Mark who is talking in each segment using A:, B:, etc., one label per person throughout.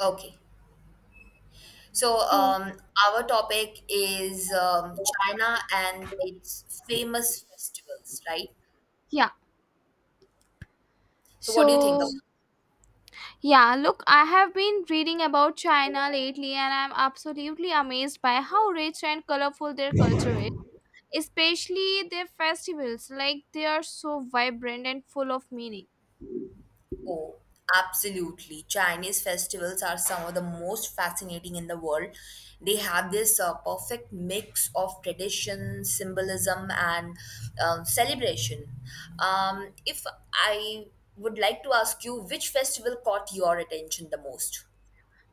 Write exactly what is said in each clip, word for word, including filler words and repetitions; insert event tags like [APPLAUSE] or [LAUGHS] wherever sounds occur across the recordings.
A: Okay. So,
B: So,
A: um, our topic is um, China and its famous festivals, right?
B: yeah.
A: So, what do you think of?
B: So, yeah, Look, I have been reading about China lately and I'm absolutely amazed by how rich and colorful their culture is, especially their festivals. Like, they are so vibrant and full of meaning.
A: Oh, absolutely. Chinese festivals are some of the most fascinating in the world. They have this uh, perfect mix of tradition, symbolism, and um, celebration. Um, if I would like to ask you, which festival caught your attention the most?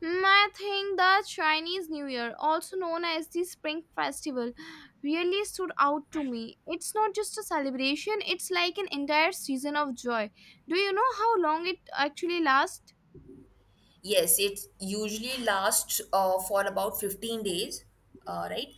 B: Mm, I think the Chinese New Year, also known as the Spring Festival, really stood out to me. It's not just a celebration, it's like an entire season of joy. Do you know how long it actually lasts?
A: Yes, it usually lasts uh, for about fifteen days, uh, right?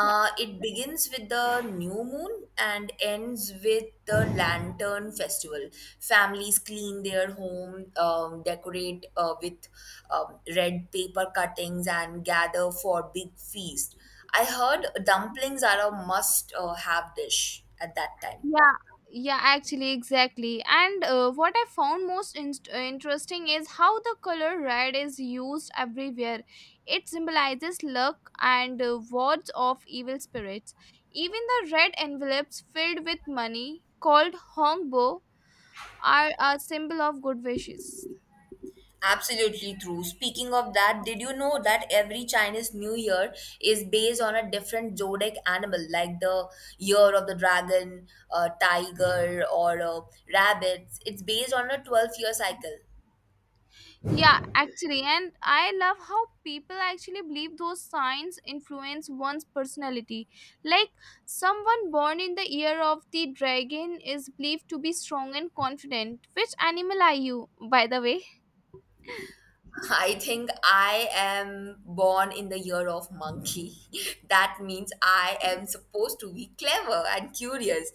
B: Yeah.
A: It begins with the new moon and ends with the lantern festival. Families clean their home, um, decorate uh, with um, red paper cuttings, and gather for big feast. I heard dumplings are a must uh, have dish at that time.
B: yeah yeah actually, exactly. And uh, what I found most inst- uh, interesting is how the color red is used everywhere. It symbolizes luck and uh, wards off evil spirits. Even the red envelopes filled with money called hongbo are a symbol of good wishes.
A: Absolutely true. Speaking of that, did you know that every Chinese New Year is based on a different zodiac animal, like the year of the dragon, uh, tiger, or uh, rabbits? It's based on a twelve year cycle.
B: Yeah, actually, and I love how people actually believe those signs influence one's personality. Like, someone born in the year of the dragon is believed to be strong and confident. Which animal are you, by the way?
A: [LAUGHS] I think I am born in the year of monkey. [LAUGHS] That means I am supposed to be clever and curious.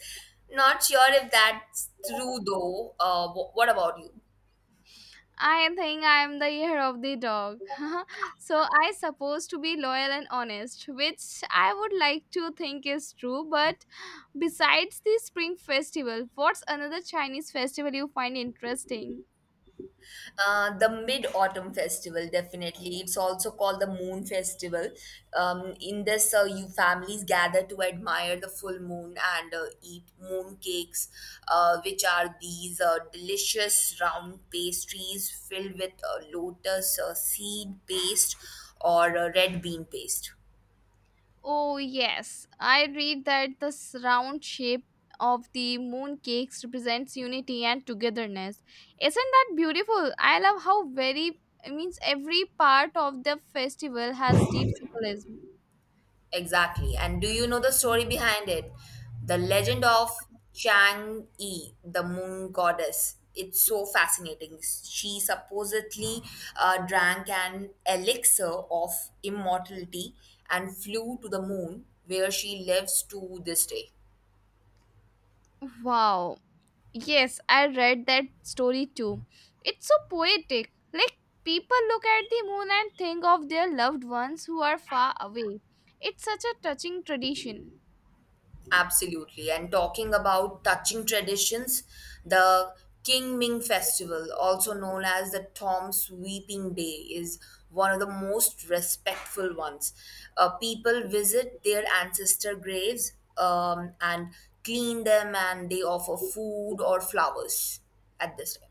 A: Not sure if that's true though. Uh, wh- what about you?
B: I think I am the year of the dog. [LAUGHS] So, I supposed to be loyal and honest, which I would like to think is true. But besides the Spring Festival, what's another Chinese festival you find interesting?
A: Uh, the Mid Autumn Festival, definitely. It's also called the Moon Festival. Um, in this, uh, you families gather to admire the full moon and uh, eat moon cakes, uh, which are these uh, delicious round pastries filled with uh, lotus uh, seed paste or uh, red bean paste.
B: Oh, yes. I read that the s- round shape of the mooncakes represents unity and togetherness. Isn't that beautiful? I love how very it means every part of the festival has deep symbolism.
A: Exactly. And do you know the story behind it? The legend of Chang Yi, the moon goddess. It's so fascinating. She supposedly uh, drank an elixir of immortality and flew to the moon, where she lives to this day.
B: Wow. Yes, I read that story too. It's so poetic. Like, people look at the moon and think of their loved ones who are far away. It's such a touching tradition.
A: Absolutely. And talking about touching traditions, the King Ming Festival, also known as the Tom's Weeping Day, is one of the most respectful ones. Uh, people visit their ancestor graves um, and clean them, and they offer food or flowers at this time.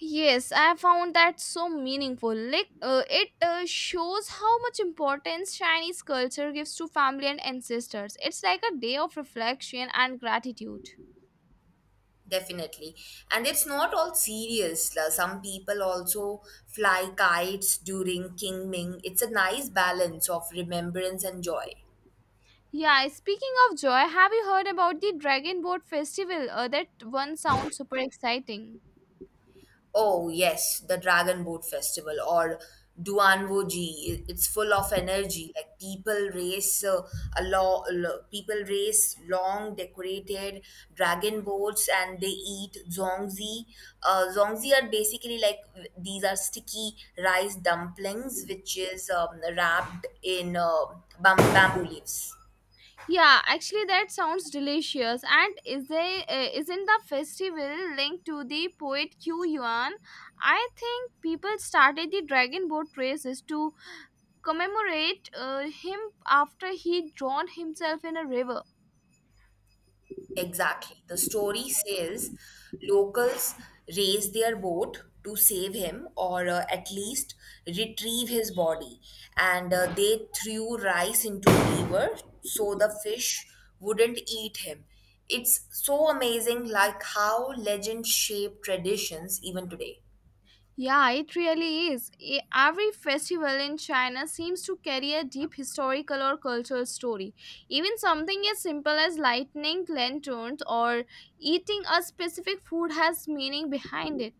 B: Yes, I found that so meaningful. Like, uh, it uh, shows how much importance Chinese culture gives to family and ancestors. It's like a day of reflection and gratitude.
A: Definitely. And it's not all serious. La. Some people also fly kites during King Ming. It's a nice balance of remembrance and joy.
B: Yeah, speaking of joy, have you heard about the Dragon Boat Festival? Uh, that one sounds super exciting.
A: Oh, yes, the Dragon Boat Festival or Duanwoji. It's full of energy. Like people race uh, a lot, people race long decorated dragon boats and they eat zongzi. Uh, zongzi are basically like these are sticky rice dumplings, which is um, wrapped in uh, bam- bamboo leaves.
B: Yeah, actually, that sounds delicious. And is there, uh, isn't the festival linked to the poet Q Yuan? I think people started the Dragon Boat races to commemorate uh, him after he drowned himself in a river.
A: Exactly. The story says locals raise their boat to save him or uh, at least retrieve his body. And uh, they threw rice into the river so the fish wouldn't eat him. It's so amazing, like how legends shape traditions even today.
B: Yeah, it really is. E- Every festival in China seems to carry a deep historical or cultural story. Even something as simple as lighting lanterns or eating a specific food has meaning behind it.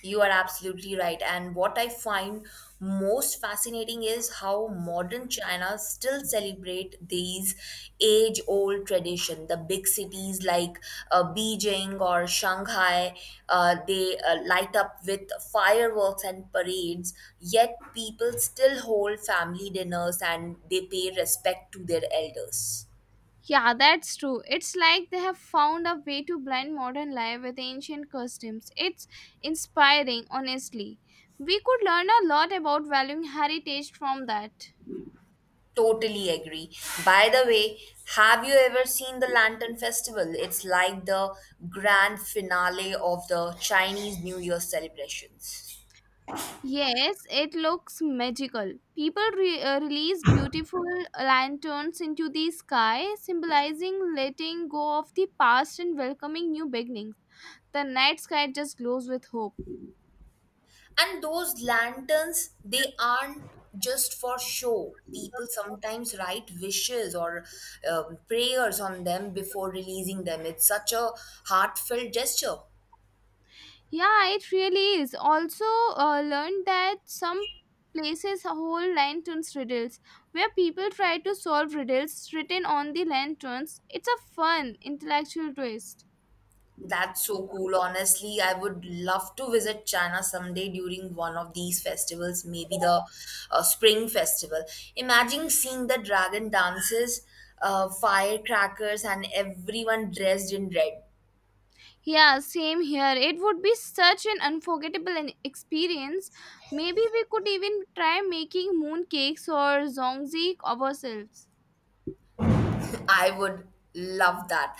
A: You are absolutely right. And what I find most fascinating is how modern China still celebrate these age-old tradition. The big cities like uh, Beijing or Shanghai, uh, they uh, light up with fireworks and parades. Yet people still hold family dinners and they pay respect to their elders.
B: Yeah, that's true. It's like they have found a way to blend modern life with ancient customs. It's inspiring, honestly. We could learn a lot about valuing heritage from that.
A: Totally agree. By the way, have you ever seen the Lantern Festival? It's like the grand finale of the Chinese New Year celebrations.
B: Yes, it looks magical. People re- uh, release beautiful lanterns into the sky, symbolizing letting go of the past and welcoming new beginnings. The night sky just glows with hope.
A: And those lanterns, they aren't just for show. People sometimes write wishes or um, prayers on them before releasing them. It's such a heartfelt gesture.
B: Yeah, it really is. Also, uh, learned that some places hold lanterns riddles where people try to solve riddles written on the lanterns. It's a fun intellectual twist.
A: That's so cool. Honestly, I would love to visit China someday during one of these festivals, maybe the uh, Spring Festival. Imagine seeing the dragon dances, uh, firecrackers, and everyone dressed in red.
B: Yeah, same here. It would be such an unforgettable an- experience. Maybe we could even try making mooncakes or zongzi ourselves.
A: I would love that.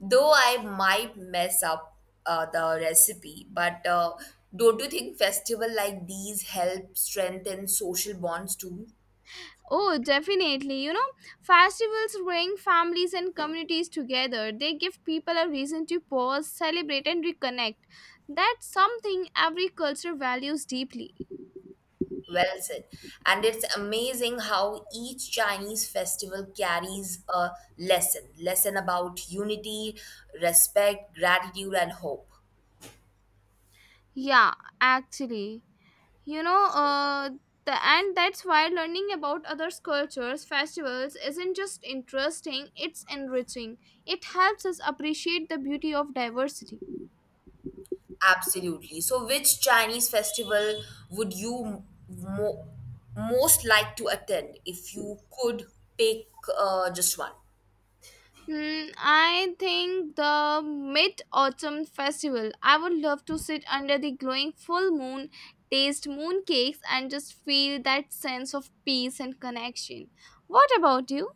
A: Though I might mess up uh, the recipe, but uh, don't you think festival like these help strengthen social bonds too?
B: Oh, definitely. You know, festivals bring families and communities together. They give people a reason to pause, celebrate, and reconnect. That's something every culture values deeply.
A: Well said. And it's amazing how each Chinese festival carries a lesson lesson about unity, respect, gratitude, and hope.
B: Yeah, actually. You know, uh, the, and that's why learning about others' cultures, festivals isn't just interesting, it's enriching. It helps us appreciate the beauty of diversity.
A: Absolutely. So, which Chinese festival would you mo- most like to attend if you could pick uh, just one?
B: Hmm, I think the Mid Autumn Festival. I would love to sit under the glowing full moon, taste mooncakes, and just feel that sense of peace and connection. What about you?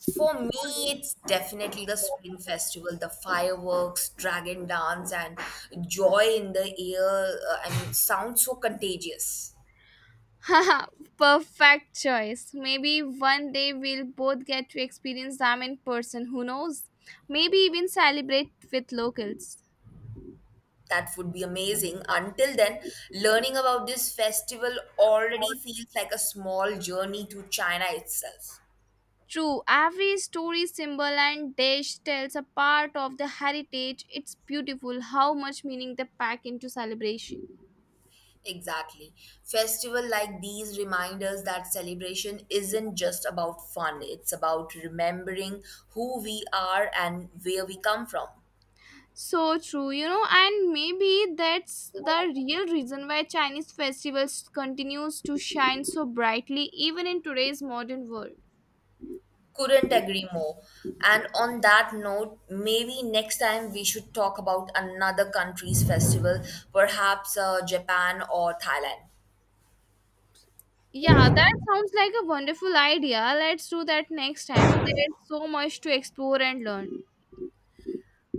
A: For me, it's definitely the Spring Festival, the fireworks, dragon dance, and joy in the air. Uh, I mean, sounds so contagious.
B: [LAUGHS] Haha, perfect choice. Maybe one day we'll both get to experience them in person. Who knows? Maybe even celebrate with locals.
A: That would be amazing. Until then, learning about this festival already feels like a small journey to China itself.
B: True, every story, symbol, and dish tells a part of the heritage. It's beautiful how much meaning they pack into celebration.
A: Exactly. Festival like these reminders that celebration isn't just about fun, it's about remembering who we are and where we come from.
B: So true, you know, and maybe that's the real reason why Chinese festivals continues to shine so brightly even in today's modern world.
A: Couldn't agree more. And on that note, maybe next time we should talk about another country's festival, perhaps uh, Japan or Thailand.
B: Yeah, that sounds like a wonderful idea. Let's do that next time. There's so much to explore and learn.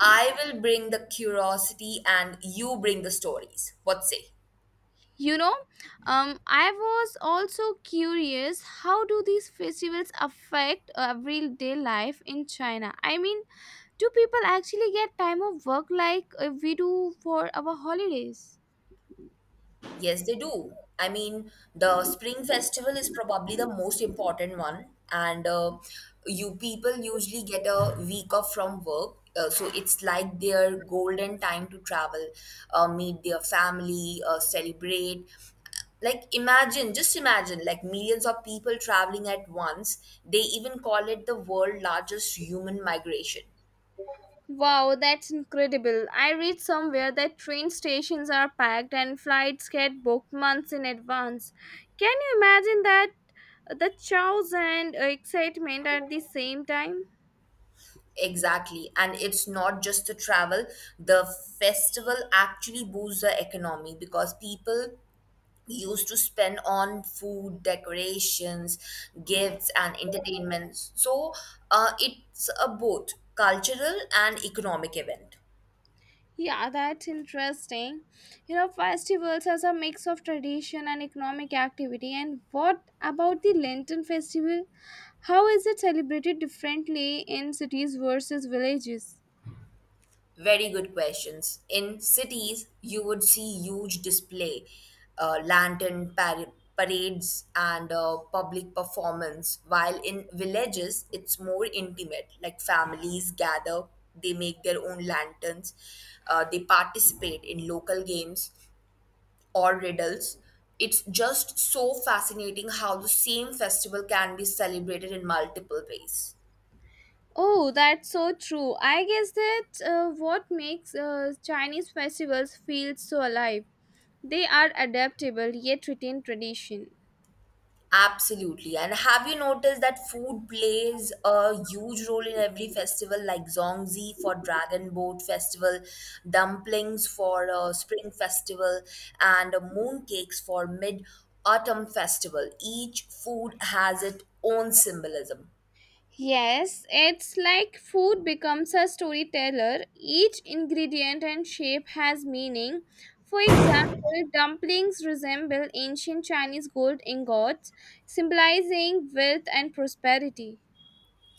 A: I will bring the curiosity and you bring the stories. What say?
B: you know um, I was also curious, how do these festivals affect everyday life in China? I mean, do people actually get time off work like uh, we do for our holidays?
A: Yes, they do. I mean, the spring festival is probably the most important one, and uh, you people usually get a week off from work. Uh, so it's like their golden time to travel, uh, meet their family, uh, celebrate. Like, imagine, just imagine, like millions of people traveling at once. They even call it the world largest human migration.
B: Wow, that's incredible. I read somewhere that train stations are packed and flights get booked months in advance. Can you imagine that? The chaos and uh, excitement at the same time.
A: Exactly. And it's not just the travel. The festival actually boosts the economy because people used to spend on food, decorations, gifts, and entertainment. So uh, it's a both cultural and economic event.
B: Yeah, that's interesting. You know, festivals as a mix of tradition and economic activity. And what about the Lenten festival? How is it celebrated differently in cities versus villages?
A: Very good questions. In cities, you would see huge display, uh, lantern par- parades, and uh, public performance. While in villages, it's more intimate. Like families gather, they make their own lanterns, uh, they participate in local games or riddles. It's just so fascinating how the same festival can be celebrated in multiple ways.
B: Oh, that's so true. I guess that uh, what makes uh, Chinese festivals feel so alive. They are adaptable yet retain tradition.
A: Absolutely. And have you noticed that food plays a huge role in every festival, like Zongzi for Dragon Boat Festival, dumplings for uh, Spring Festival, and uh, mooncakes for Mid Autumn Festival? Each food has its own symbolism.
B: Yes, it's like food becomes a storyteller. Each ingredient and shape has meaning. For example, dumplings resemble ancient Chinese gold ingots, symbolizing wealth and prosperity.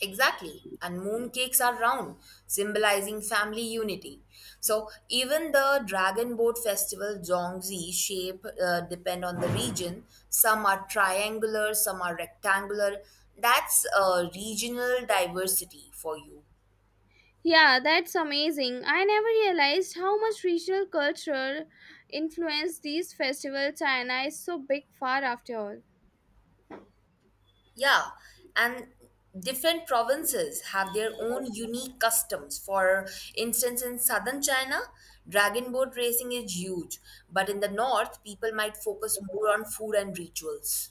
A: Exactly. And mooncakes are round, symbolizing family unity. So even the dragon boat festival zongzi shape uh, depend on the region. Some are triangular, some are rectangular. That's uh, regional diversity for you.
B: Yeah, that's amazing. I never realized how much regional culture influenced these festivals, and China is so big far after all.
A: Yeah, and different provinces have their own unique customs. For instance, in southern China, dragon boat racing is huge, but in the north, people might focus more on food and rituals.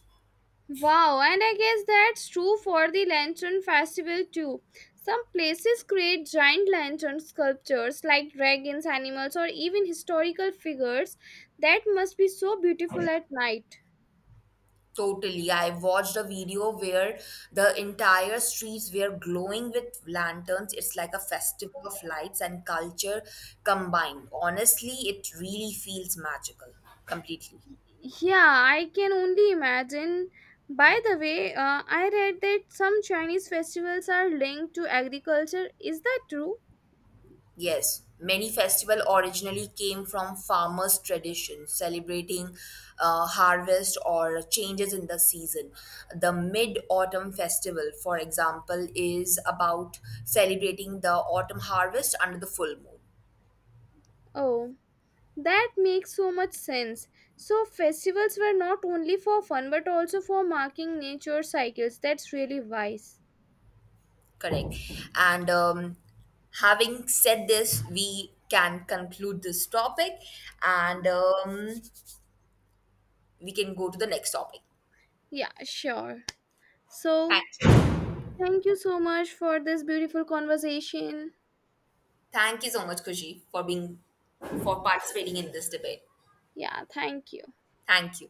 B: Wow, and I guess that's true for the Lantern Festival too. Some places create giant lantern sculptures like dragons, animals, or even historical figures. That must be so beautiful at night.
A: Totally. I watched a video where the entire streets were glowing with lanterns. It's like a festival of lights and culture combined. Honestly, it really feels magical completely.
B: Yeah, I can only imagine. By the way, uh, I read that some Chinese festivals are linked to agriculture. Is that true?
A: Yes, many festival originally came from farmers' tradition, celebrating uh, harvest or changes in the season. The mid-autumn festival, for example, is about celebrating the autumn harvest under the full moon.
B: Oh. That makes so much sense. So, festivals were not only for fun but also for marking nature cycles. That's really wise.
A: Correct. And um, having said this, we can conclude this topic, and um, we can go to the next topic.
B: Yeah, sure. So,
A: Thank you.
B: thank you so much for this beautiful conversation.
A: Thank you so much, Kushi, for being for participating in this debate.
B: Yeah, thank you.
A: Thank you.